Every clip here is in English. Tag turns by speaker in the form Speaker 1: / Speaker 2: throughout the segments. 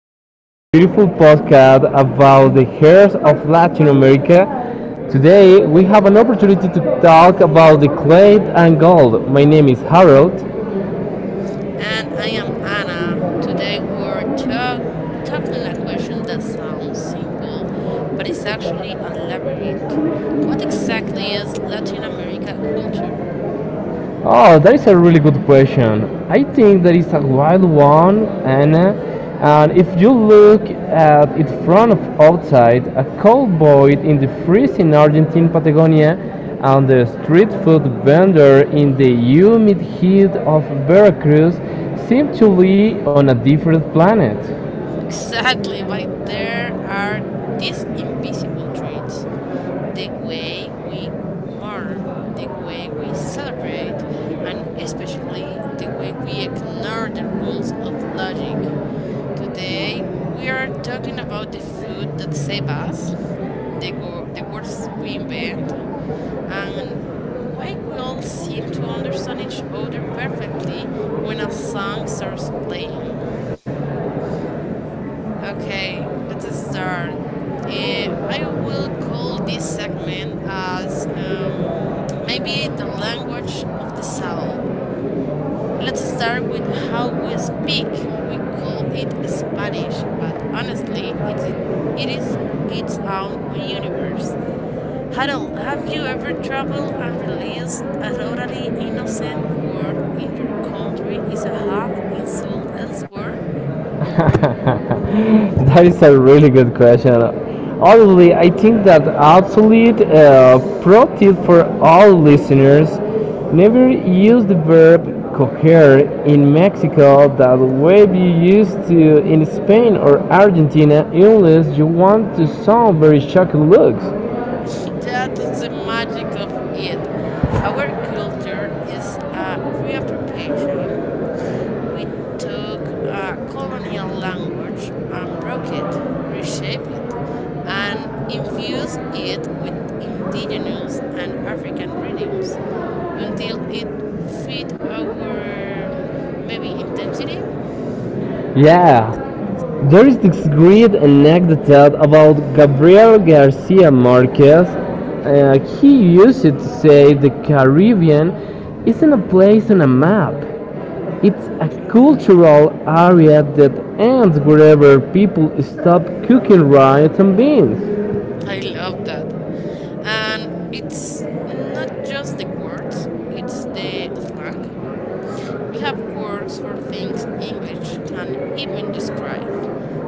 Speaker 1: back to this beautiful podcast about the hairs of Latin America. Today we have an opportunity to talk about the clay and gold. My name is Harold.
Speaker 2: And I am Anna. Today tackling a question that sounds simple, but it's actually a labyrinth. What exactly is Latin America culture?
Speaker 1: Oh, that is a really good question. I think that is a wild one, and if you look at it from outside, a cowboy in the freezing Argentine Patagonia, and the street food vendor in the humid heat of Veracruz seem to be on a different planet.
Speaker 2: Exactly, why there are these invisible traits. The way we mourn, the way we celebrate, and especially the way we ignore the rules of logic. Today, we are talking about the food that save us, the words we invent, and why we all seem to understand each other perfectly when a song starts playing. Okay, let's start. I will call this segment as maybe the language of the soul. Let's start with how we speak. We call it Spanish, but honestly, it is its own universe. Harold, have you ever traveled and realized a totally innocent word in your country is a hug insult elsewhere?
Speaker 1: That is a really good question. Honestly, I think that absolute pro tip for all listeners: never use the verb coger in Mexico that way you used to in Spain or Argentina, unless you want to sound very shocked looks.
Speaker 2: That's the magic of it. Our culture is a reappropriation. We took a colonial language and broke it, reshaped it, and infused it with indigenous and African rhythms until it fit our maybe intensity.
Speaker 1: Yeah. There is this great anecdote about Gabriel Garcia Marquez. He used to say the Caribbean isn't a place on a map. It's a
Speaker 2: Okay.
Speaker 1: cultural area that ends wherever people stop cooking rice and beans.
Speaker 2: I love that. And it's not just the words, it's the slang. We have words for things English can even describe,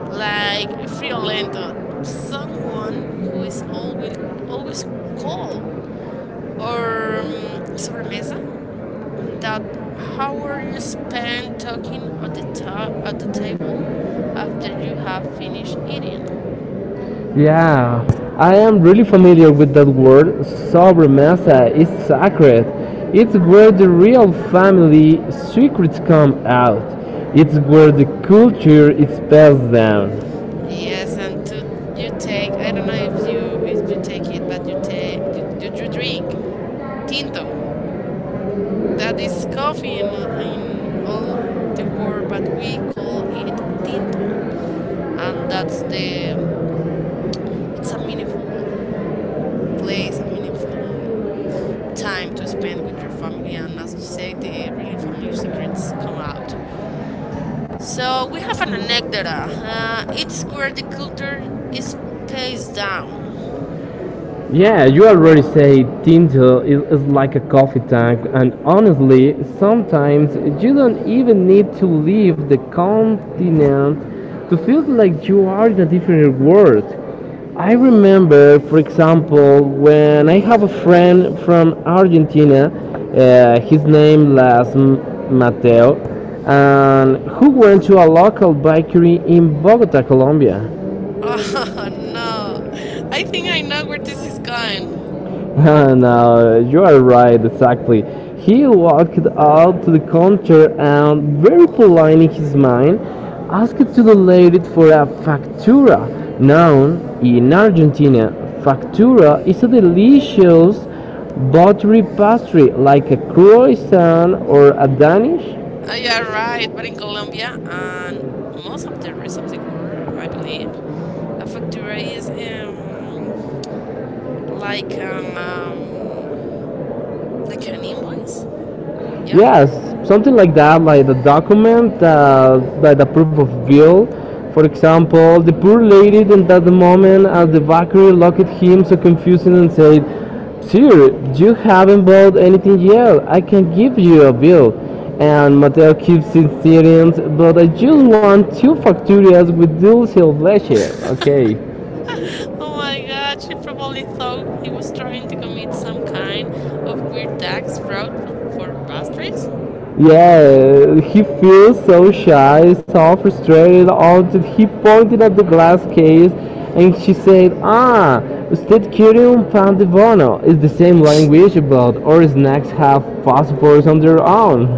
Speaker 2: like friolento, someone who is always cold, or sobremesa, that hour you spend talking at the table after you have finished eating.
Speaker 1: Yeah, I am really familiar with that word. Sobremesa is sacred. It's where the real family secrets come out. It's where the culture is passed down.
Speaker 2: Yes, and to you take, I don't know if you take it, but you take you, you, you drink tinto. That is coffee in all the world, but we call it tinto, and that's the it's a meaningful place, a meaningful time to spend with your family, and as you say, the really family secrets come out. So we have an anecdote. It's where the culture is passed down.
Speaker 1: Yeah, you already say Tinder is like a coffee tank, and honestly, sometimes you don't even need to leave the continent to feel like you are in a different world. I remember, for example, when I have a friend from Argentina, his name was Mateo, and who went to a local bakery in Bogota, Colombia.
Speaker 2: Oh no, I think I know where this is going.
Speaker 1: No, you are right, exactly. He walked out to the counter and, very polite in his mind, asked to the lady for a factura. Now, in Argentina, factura is a delicious buttery pastry like a croissant or a Danish.
Speaker 2: Oh, yeah, right. But in Colombia and most of the rest of the world, I believe, a factura is like an um like an invoice. Yeah.
Speaker 1: Yes, something like that, like the document, like the proof of bill. For example, the poor lady in that moment as the bakery looked at him so confusing and said, "Sir, you haven't bought anything yet. I can give you a bill." And Mateo keeps insisting, "But I just want two facturias with dulce leche." Okay.
Speaker 2: Oh my God, she probably thought he was trying to commit some kind of weird tax fraud for pastries.
Speaker 1: Yeah, he feels so shy, so frustrated until he pointed at the glass case and she said, "Ah, state curium pan pandivono is the same language about our snacks have passports on their own."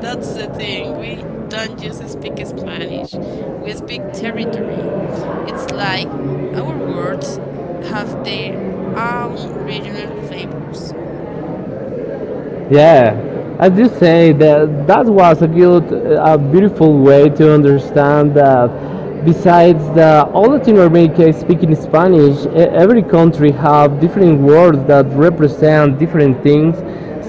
Speaker 2: That's the thing. We don't just speak Spanish. We speak territory. It's like our words have their own regional flavors.
Speaker 1: Yeah, as you say, that was a good, a beautiful way to understand that. Besides the all Latin America is speaking Spanish, every country have different words that represent different things.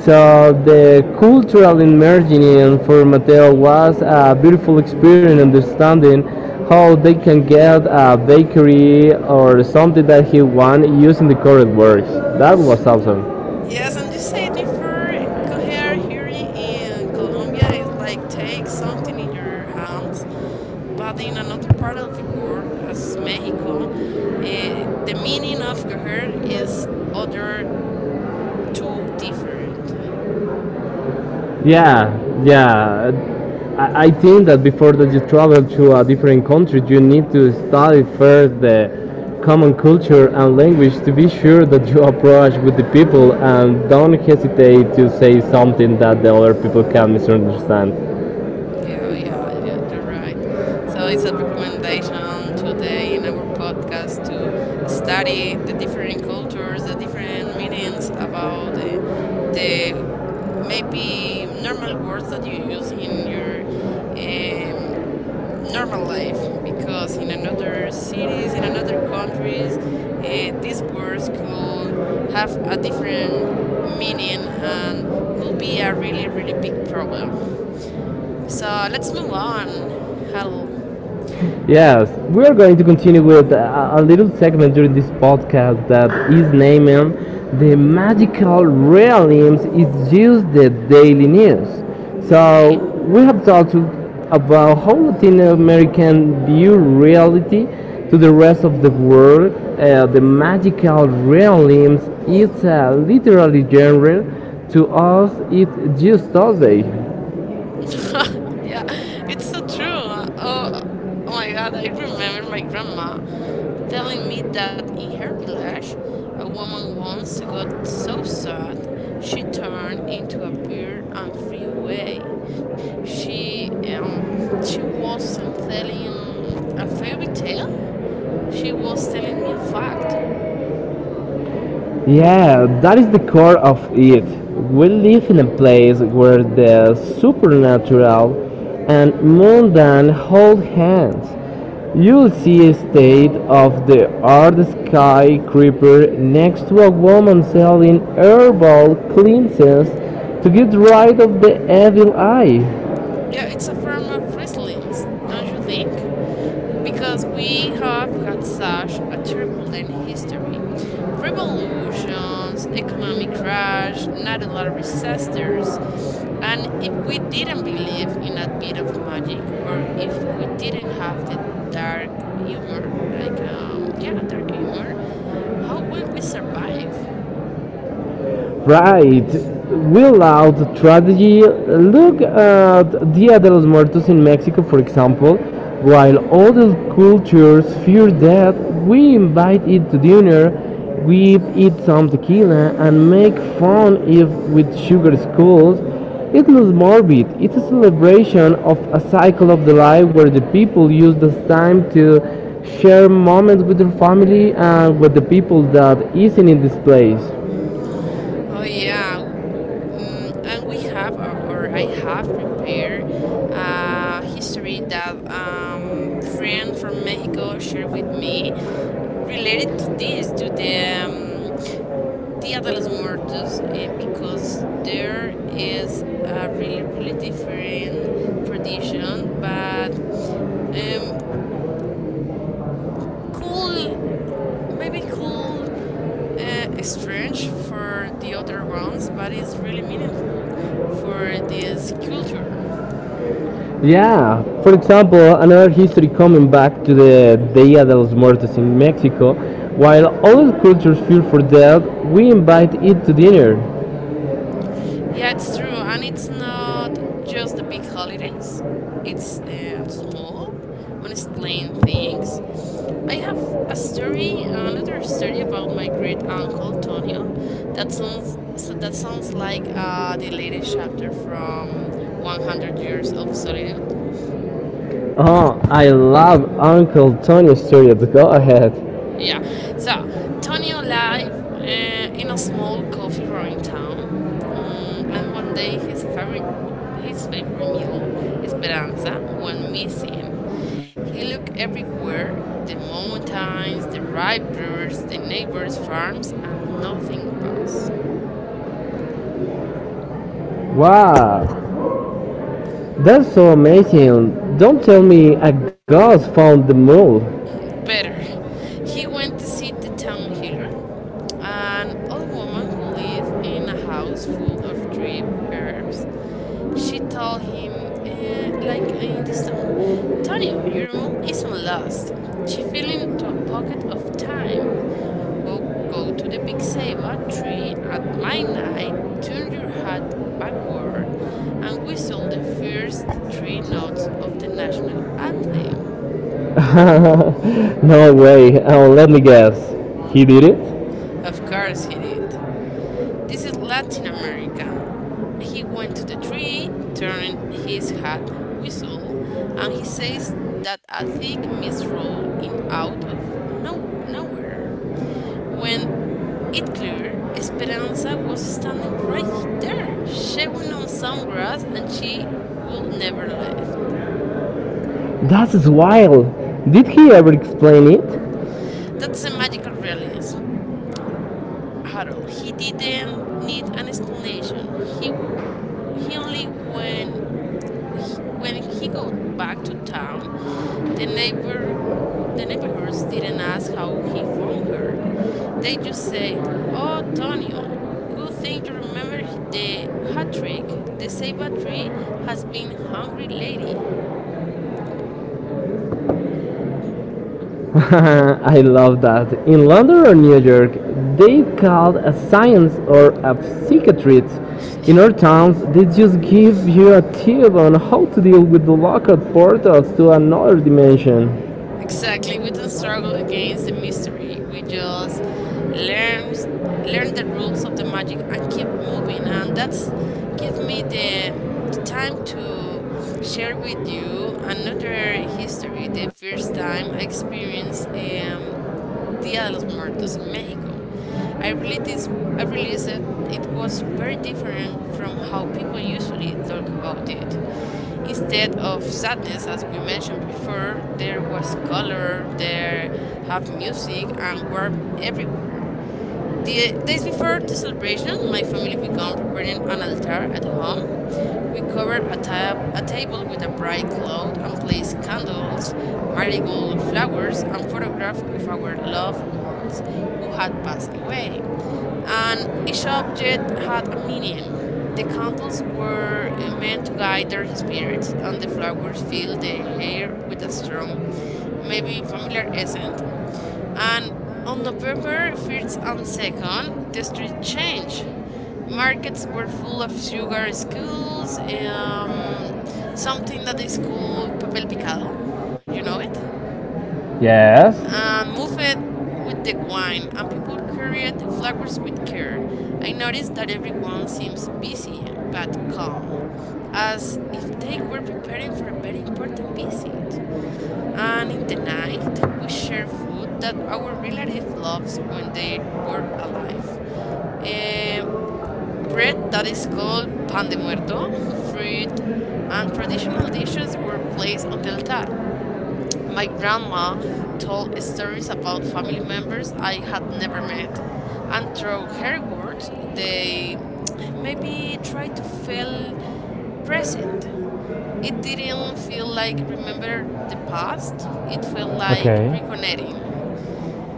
Speaker 1: So the cultural immersion for Mateo was a beautiful experience understanding how they can get a bakery or something that he want using the correct words. That was awesome.
Speaker 2: Yes, and you say differ cohere here in Colombia is like take something in your hands, but in another part of the world, as Mexico, the meaning of cohere is other too different.
Speaker 1: Yeah, yeah. I think that before that you travel to a different country, you need to study first the common culture and language to be sure that you approach with the people and don't hesitate to say something that the other people can misunderstand.
Speaker 2: Yeah, yeah, you're right. So it's a recommendation today in our podcast to study the different cultures, the different meanings about the maybe normal words that you use in your um, normal life, because in another cities, in another countries, these words could have a different meaning and could be a really, really big problem. So let's move on. Huddle.
Speaker 1: Yes, we are going to continue with a little segment during this podcast that is naming The Magical Realms is Just the Daily News. So,
Speaker 2: Okay.
Speaker 1: we have about how Latin American view reality to the rest of the world. The Magical Realms is a literary genre. To us, it's just Thursday.
Speaker 2: Yeah, it's so true. Oh, my God! I remember my grandma telling me that in her village, a woman once got so sad she turned into a bird and flew away. She she wasn't telling a fairy tale. She was telling me a fact.
Speaker 1: Yeah, that is the core of it. We live in a place where the supernatural and mundane hold hands. You'll see a state of the art skyscraper next to a woman selling herbal cleanses to get rid of the evil eye.
Speaker 2: Yeah, it's a form of resilience, don't you think? Because we have had such a turbulent history. Revolutions, economic crash, natural disasters, and if we didn't believe in a bit of magic, or if we didn't have the dark humor, like yeah, dark humor, how will we survive?
Speaker 1: Right. Will out strategy. Look at Dia de los Muertos in Mexico, for example. While other cultures fear death, we invite it to dinner. We eat some tequila and make fun if with sugar skulls. It's not morbid. It's a celebration of a cycle of the life where the people use this time to share moments with their family and with the people that isn't in this place.
Speaker 2: Oh yeah. And we have, or I have prepared a history that friend from Mexico shared with me related to this, to the um, Dia de los Muertos, because there is a really, really different tradition, but um cool, maybe cool, strange for the other ones, but it's really meaningful for this culture.
Speaker 1: Yeah, for example, another history coming back to the Dia de los Muertos in Mexico. While all cultures fear for death, we invite it to dinner.
Speaker 2: Yeah, it's true, and it's not just the big holidays. It's the small, unexplained things. I have a story, another story about my great uncle Tonio. That sounds like the latest chapter from 100 Years of Solitude.
Speaker 1: Oh, I love Uncle Tony's story. Go ahead.
Speaker 2: Yeah. So, Tonio lived in a small coffee growing town, and one day his favorite mule, Esperanza, went missing. He looked everywhere, the mountains, the rivers, the neighbors' farms, and nothing passed.
Speaker 1: Wow, that's so amazing. Don't tell me a ghost found the mole.
Speaker 2: Better. He went to see the town healer, an old woman who lived in a house full of dried herbs. She told him, like in this tone, Tonio, your mule isn't lost. She fell into a pocket of time. Go, go to the big ceiba tree at midnight, turn your hat backward, and whistle the first three notes of the national anthem.
Speaker 1: No way. Oh, let me guess. He did it?
Speaker 2: Of course he did. This is Latin America. He went to the tree, turned his hat, whistled, and he says that a thick mist rolled in out of no nowhere. When it cleared, Esperanza was standing right there, showing on some grass, and she will never left.
Speaker 1: That is wild. Did he ever explain it?
Speaker 2: That's a magical realism. Harold. He didn't need an explanation. He only when he got back to town. The neighbor the neighborhoods didn't ask how he found her. They just said, "Oh, Tonio, good thing you remember the hat trick. The Seiba tree has been hungry lady."
Speaker 1: I love that. In London or New York, they called a science or a psychiatrist.
Speaker 2: Yeah,
Speaker 1: In our towns, they just give you a tip on how to deal with the locked portals to another dimension.
Speaker 2: exactly. We don't struggle against the mystery. We just learn learn the rules of the magic and keep moving. And that's give me the time to share with you another history. The first time I experienced Día de los Muertos in Mexico. I really this I realized that it was very different from how people usually talk about it. Instead of sadness, as we mentioned before, there was color, there have music and were everywhere. The days before the celebration, my family began preparing an altar at home. We covered a table with a bright cloth and placed candles, marigold flowers, and photographs of our loved ones who had passed away. And each object had a meaning. The candles were meant to guide their spirits, and the flowers filled the air with a strong, maybe familiar scent. And on November 1st and 2nd, the street changed. Markets were full of sugar skulls, something that is called papel picado. You know it?
Speaker 1: Yes.
Speaker 2: And move it with the wine, and people carried flowers with care. I noticed that everyone seems busy but calm, as if they were preparing for a very important visit. And in the night, we share food that our relatives loved when they were alive. Eh, Bread that is called pan de muerto, fruit, and traditional dishes were placed on the altar. My grandma told stories about family members I had never met, and through her words, they maybe tried to feel present. It didn't feel like remember the past. It felt like
Speaker 1: Okay.
Speaker 2: reconnecting.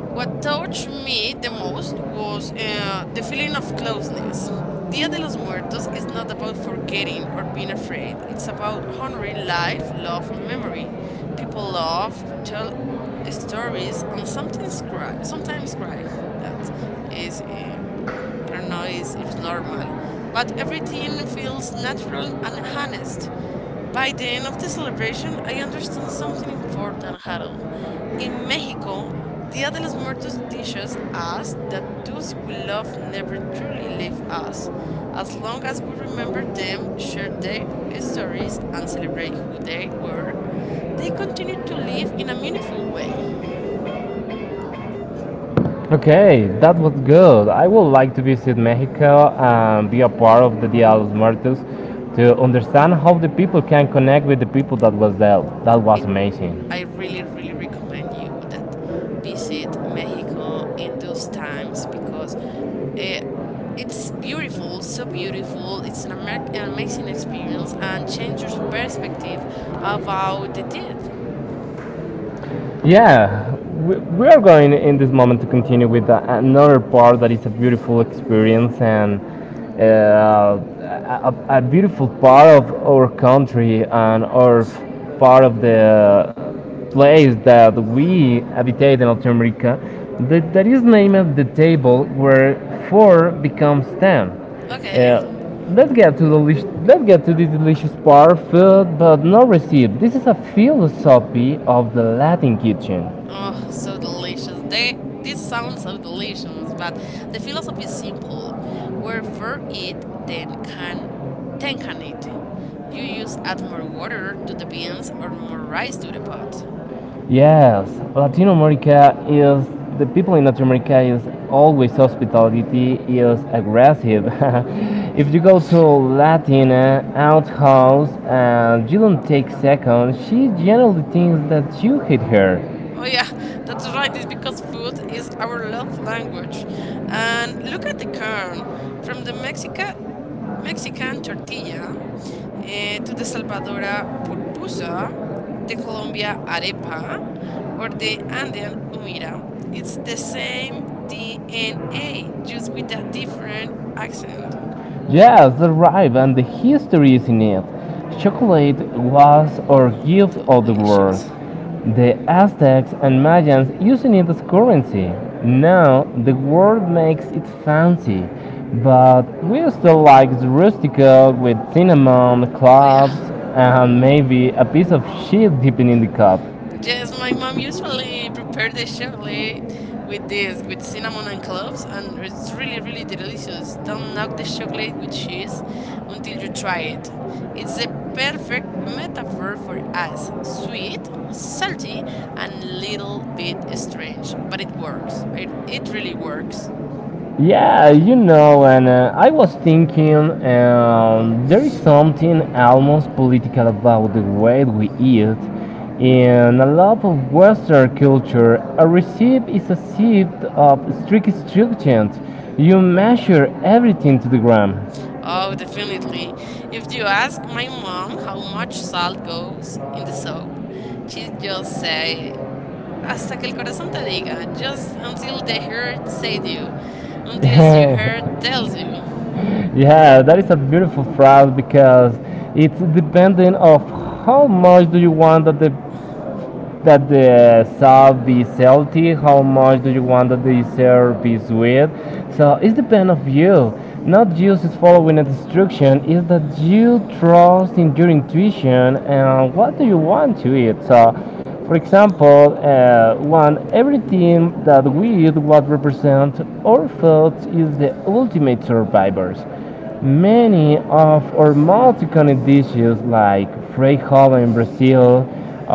Speaker 2: What touched me the most was the feeling of closeness. Dia de los Muertos is not about forgetting or being afraid. It's about honoring life, love, and memory. People love, tell stories, and sometimes cry. Sometimes cry. That is, I don't know, is it's normal. But everything feels natural and honest. By the end of the celebration, I understand something important, Harold. In Mexico, Dia de los Muertos teaches us that those we love never truly leave us, as long as we remember them, share their stories, and celebrate who they were. They continue to live in a meaningful way.
Speaker 1: Okay, that was good. I would like to visit Mexico and be a part of the Dia de los Muertos to understand how the people can connect with the people that was there. That was
Speaker 2: It,
Speaker 1: amazing.
Speaker 2: I really, really recommend you that visit Mexico in those times because. eh, It's beautiful, so beautiful. It's an amazing experience and changes perspective about the dead.
Speaker 1: Yeah, we are going in this moment to continue with another part that is a beautiful experience and uh, a beautiful part of our country and our part of the place that we habitate in Latin America. That is named the table where 4 becomes 10.
Speaker 2: Okay.
Speaker 1: Uh, let's get to the let's get to the delicious bar food but no receipt. This is a philosophy of the Latin kitchen.
Speaker 2: Oh, so delicious. They This sounds so delicious, but the philosophy is simple. Wherefore eat, then can eat. You use add more water to the beans or more rice to the pot.
Speaker 1: Yes, Latin America is the people in Latin America is always hospitality is aggressive. If you go to
Speaker 2: Okay.
Speaker 1: Latina outhouse and you don't take seconds, she generally thinks that you hate her.
Speaker 2: Oh yeah, that's right. It's because food is our love language. And look at the corn. From the Mexican tortilla, to the Salvadora purpusa, the Colombia arepa, or the Andean humira. It's the same DNA, just with that different accent.
Speaker 1: Yes, the arrive and the history is in it. Chocolate was our
Speaker 2: Oh,
Speaker 1: gift of the world.
Speaker 2: delicious.
Speaker 1: The Aztecs and Mayans using it as currency. Now the world makes it fancy, but we still like the rustico with cinnamon,
Speaker 2: Oh, yeah.
Speaker 1: cloves, and maybe a piece of shit dipping in the cup.
Speaker 2: Yes, my mom usually prepare the chocolate with this, with cinnamon and cloves, and it's really, really delicious. Don't knock the chocolate with cheese until you try it. It's the perfect metaphor for us. Sweet, salty, and little bit strange, but it works. It really works.
Speaker 1: Yeah, you know, and I was thinking there is something almost political about the way we eat. In a lot of Western culture, a recipe is a set of strict instructions. You measure everything to the gram.
Speaker 2: Oh, definitely. If you ask my mom how much salt goes in the soap, she just say Hasta que el corazón te diga. Just until the heart says you. Until your heart tells you.
Speaker 1: Yeah, that is a beautiful phrase because it's dependent of how much do you want that the salt be salty, how much do you want that the dessert be sweet. So it depends of you. Not just following a instruction, is that you trust in your intuition and what do you want to eat. So, for
Speaker 2: Mhm.
Speaker 1: example, one everything that we eat what represent our thoughts is the ultimate survivors many of our multi-continent dishes like frijol in Brazil,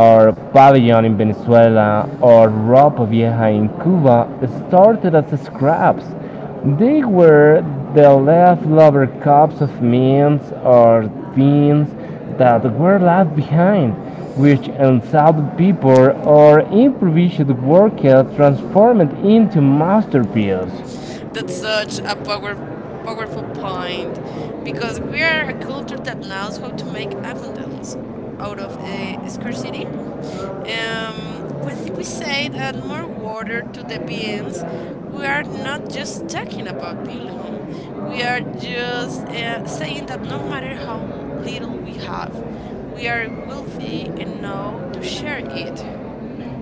Speaker 1: or pabellon in Venezuela, or ropa vieja in Cuba started as scraps. They were the leftover cups of mince or beans that were left behind, which unsolved people or improvised work transformed into masterpieces.
Speaker 2: That's such a powerful point because we are a culture that knows how to make abundance out of scarcity. When we say add more water to the beans, we are not just talking about volume. We are just saying that no matter how little we have, we are wealthy enough to share it.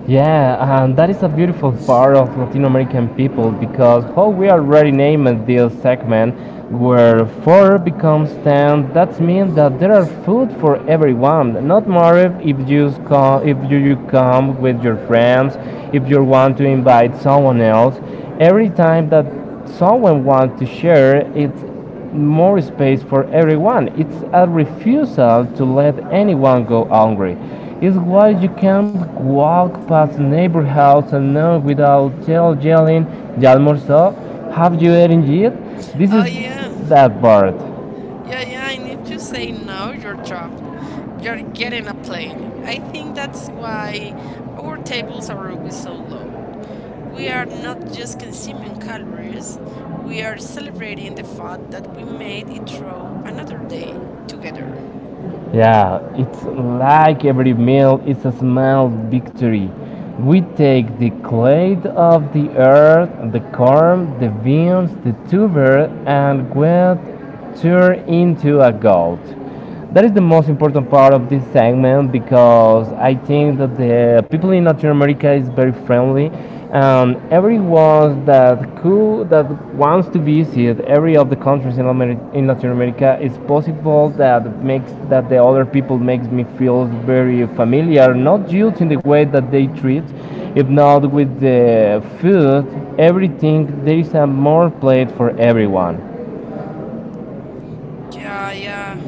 Speaker 1: Yeah, and that is a beautiful part of Latin American people because how we already named this segment, where four becomes ten, that means that there are food for everyone. Not more if you come, if you, you come with your friends, if you want to invite someone else. Every time that someone wants to share, it's more space for everyone. It's a refusal to let anyone go hungry. It's why you can't walk past a neighbor house alone without tell yelling, "Ya almorzó? Have you eaten yet?" This is
Speaker 2: Oh yeah,
Speaker 1: that part.
Speaker 2: yeah, yeah. And if you say no, you're trapped. You're getting a plate. I think that's why our tables are always so low. We are not just consuming calories, we are celebrating the fact that we made it through another day together.
Speaker 1: Yeah, it's like every meal is a small victory. We take the clay of the earth, the corn, the beans, the tuber, and we turn into a gold. That is the most important part of this segment because I think that the people in Latin America is very friendly, and everyone that could that wants to visit every of the countries in, in Latin America, it's possible that makes that the other people makes me feel very familiar, not just in the way that they treat, if not with the food, everything. There is a more plate for everyone.
Speaker 2: Yeah, yeah,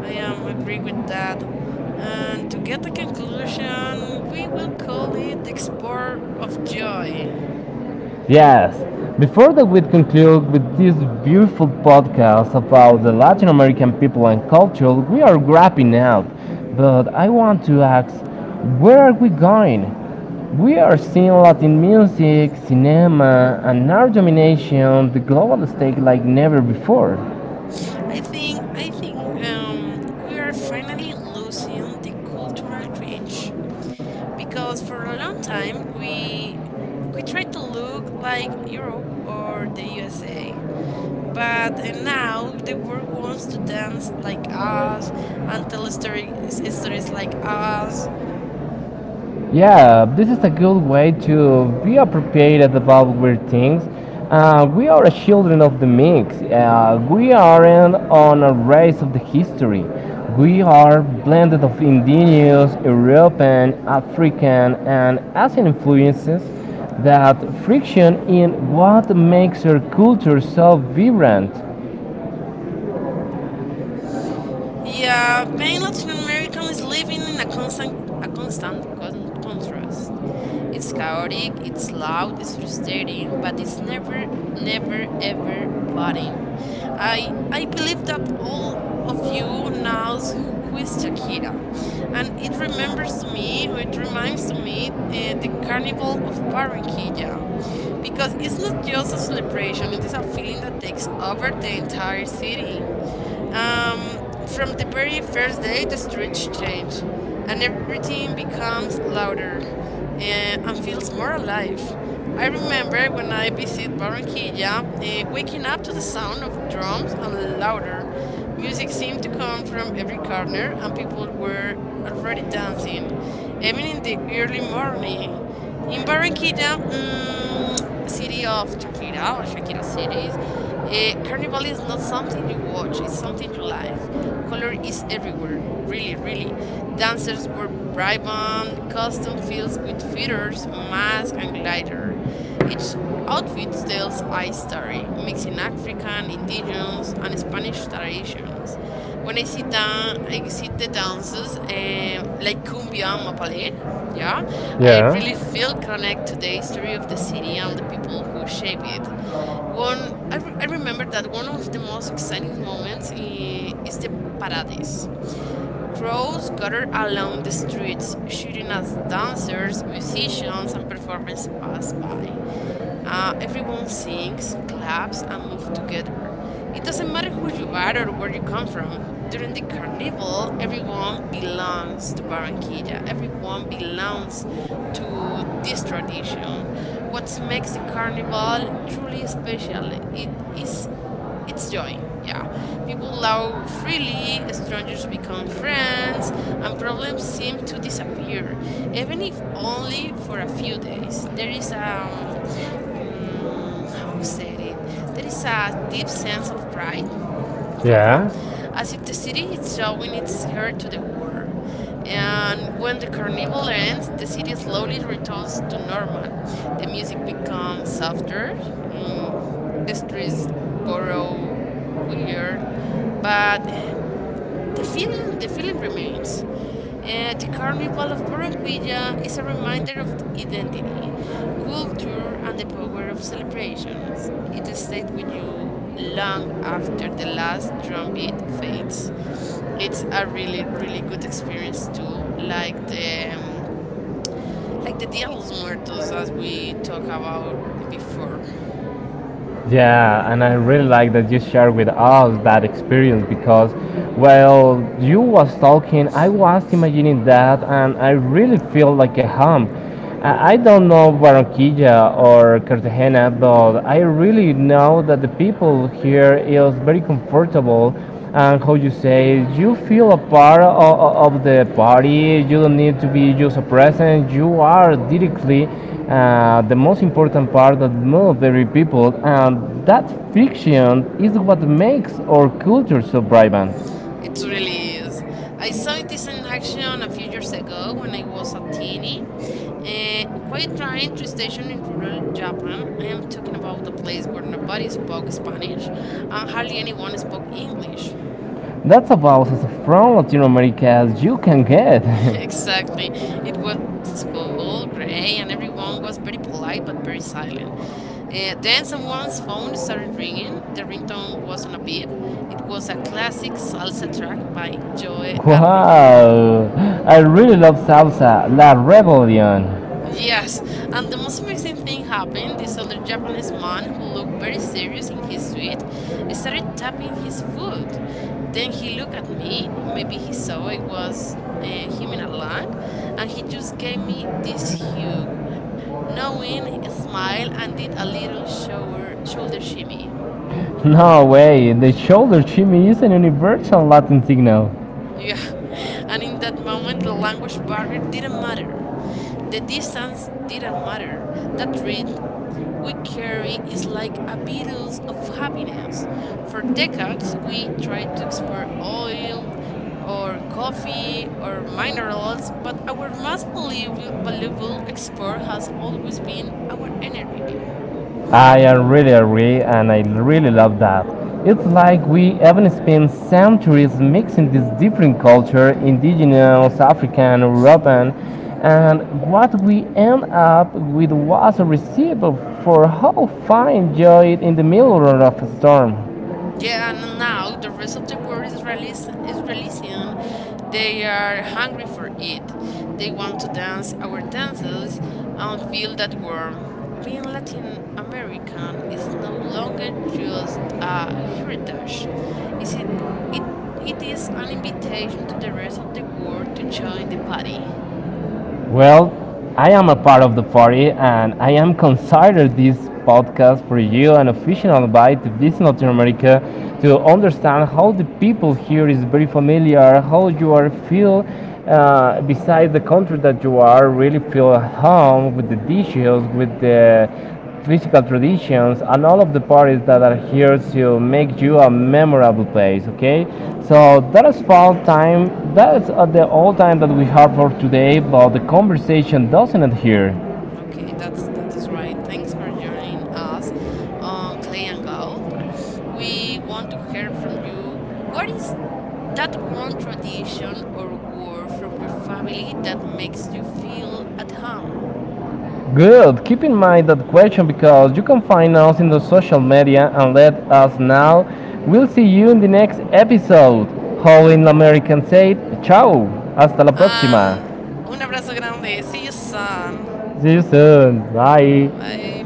Speaker 2: I am agree with that. And to get a conclusion, we will call it the export of joy.
Speaker 1: Yes. Before that, we conclude with this beautiful podcast about the Latin American people and culture. We are wrapping up, but I want to ask, where are we going? We are seeing Latin music, cinema, and art domination the global stage like never before.
Speaker 2: I think we are finally losing the cultural cringe because for a long time we tried to look like Europe or the USA. But now the world wants to dance like us and tell stories, stories like us.
Speaker 1: Yeah, this is a good way to be appropriated about weird things. We are a children of the mix. We aren't on a race of the history. We are blended of indigenous, European, African, and Asian influences that friction in what makes our culture so vibrant.
Speaker 2: Yeah, being Latin American is living in a constant, a constant contrast. It's chaotic, it's loud, it's frustrating, but it's never, never, ever boring. I believe that all of you knows who is Shakira, and it remembers to me, or it reminds to me, the Carnival of Barranquilla, because it's not just a celebration; it is a feeling that takes over the entire city. Um, from the very first day, the streets change, and everything becomes louder and feels more alive. I remember when I visit Barranquilla, waking up to the sound of drums and louder. Music seemed to come from every corner, and people were already dancing, even in the early morning. In Barranquilla, city of Shakira or Shakira cities, carnival is not something you watch, it's something you live. Color is everywhere, really, really. Dancers wear vibrant costume fills with feathers, masks, and glider. Each outfit tells I story, mixing African, indigenous, and Spanish traditions. When I sit down, I see the dances like cumbia and mapalé. Yeah, I
Speaker 1: Yeah,
Speaker 2: really feel connect to the history of the city and the people who shape it. I I remember that one of the most exciting moments is the parades. Crows gather along the streets, shooting as dancers, musicians, and performers pass by. Everyone sings, claps, and moves together. It doesn't matter who you are or where you come from. During the carnival, everyone belongs to Barranquilla. Everyone belongs to this tradition. What makes the carnival truly special? It's joy, yeah. People laugh freely, strangers become friends, and problems seem to disappear, even if only for a few days. There is how said it? There is a deep sense of pride, yeah,
Speaker 1: yeah.
Speaker 2: as if the city is showing its hair to the world. And when the carnival ends, the city slowly returns to normal. The music becomes softer, mm, the streets grow weird, but the feeling remains. The carnival of Barranquilla is a reminder of identity, culture, and the power of celebrations. It stays with you long after the last drumbeat fades. It's a really, really good experience too, um, like the Dia de los Muertos as we talked about before.
Speaker 1: Yeah, and I really like that you shared with us that experience because, well, you was talking, I was imagining that, and I really feel like a home. I don't know Barranquilla or Cartagena, but I really know that the people here is very comfortable and how you say you feel a part of the party you don't need to be just a present you are directly the most important part that moves every people and that friction is what makes our culture so vibrant.
Speaker 2: It really is. I saw this in action a few years ago when I was a teeny. Quiet train to station in rural Japan. I am talking about a place where nobody spoke Spanish and hardly anyone spoke English.
Speaker 1: That's about as from Latin America as you can get.
Speaker 2: Exactly. It was cold, gray, and everyone was very polite but very silent. Then someone's phone started ringing. The ringtone wasn't a beep. It was a classic salsa track by Joe Arroyo.
Speaker 1: Wow, I really love salsa la rebellion.
Speaker 2: Yes, and the most amazing thing happened. This older Japanese man who looked very serious in his suit started tapping his foot. Then he looked at me. Maybe he saw I was humming along, and he just gave me this hug, knowing smile, and did a little shower, shoulder shimmy.
Speaker 1: No way, the shoulder shimmy is a universal Latin signal.
Speaker 2: Yeah, and in that moment, the language barrier didn't matter. The distance didn't matter. That read we carry is like a virus of happiness. For decades, we tried to export oil or coffee or minerals, but our most valuable, valuable export has always been our energy.
Speaker 1: I really agree, and I really love that. It's like we haven't spent centuries mixing these different culture, indigenous, African, European, and what we end up with was a recipe for how fine joy in the middle of a storm.
Speaker 2: Yeah, and now the rest of the world is releasing. They are hungry for it. They want to dance our dances and feel that warmth. Being Latin American is no longer just a heritage. Is it it it is an invitation to the rest of the world to join the party.
Speaker 1: Well, I am a part of the party and I am considered this podcast for you an official invite to visit Latin America to understand how the people here is very familiar, how you are feel beside the country that you are, really feel at home with the dishes, with the physical traditions and all of the parties that are here to make you a memorable place. Okay, so that is fall time. That's The all time that we have for today, but the conversation doesn't end here.
Speaker 2: Okay, that is right. Thanks for joining us on Clay and Gold. We want to hear from you. What is that one tradition or word from your family that makes you feel at home?
Speaker 1: Good, keep in mind that question because you can find us in the social media and let us know. We'll see you in the next episode. How in American said, ciao. Hasta la próxima.
Speaker 2: And un abrazo grande. See you soon.
Speaker 1: See you soon, bye.
Speaker 2: Bye.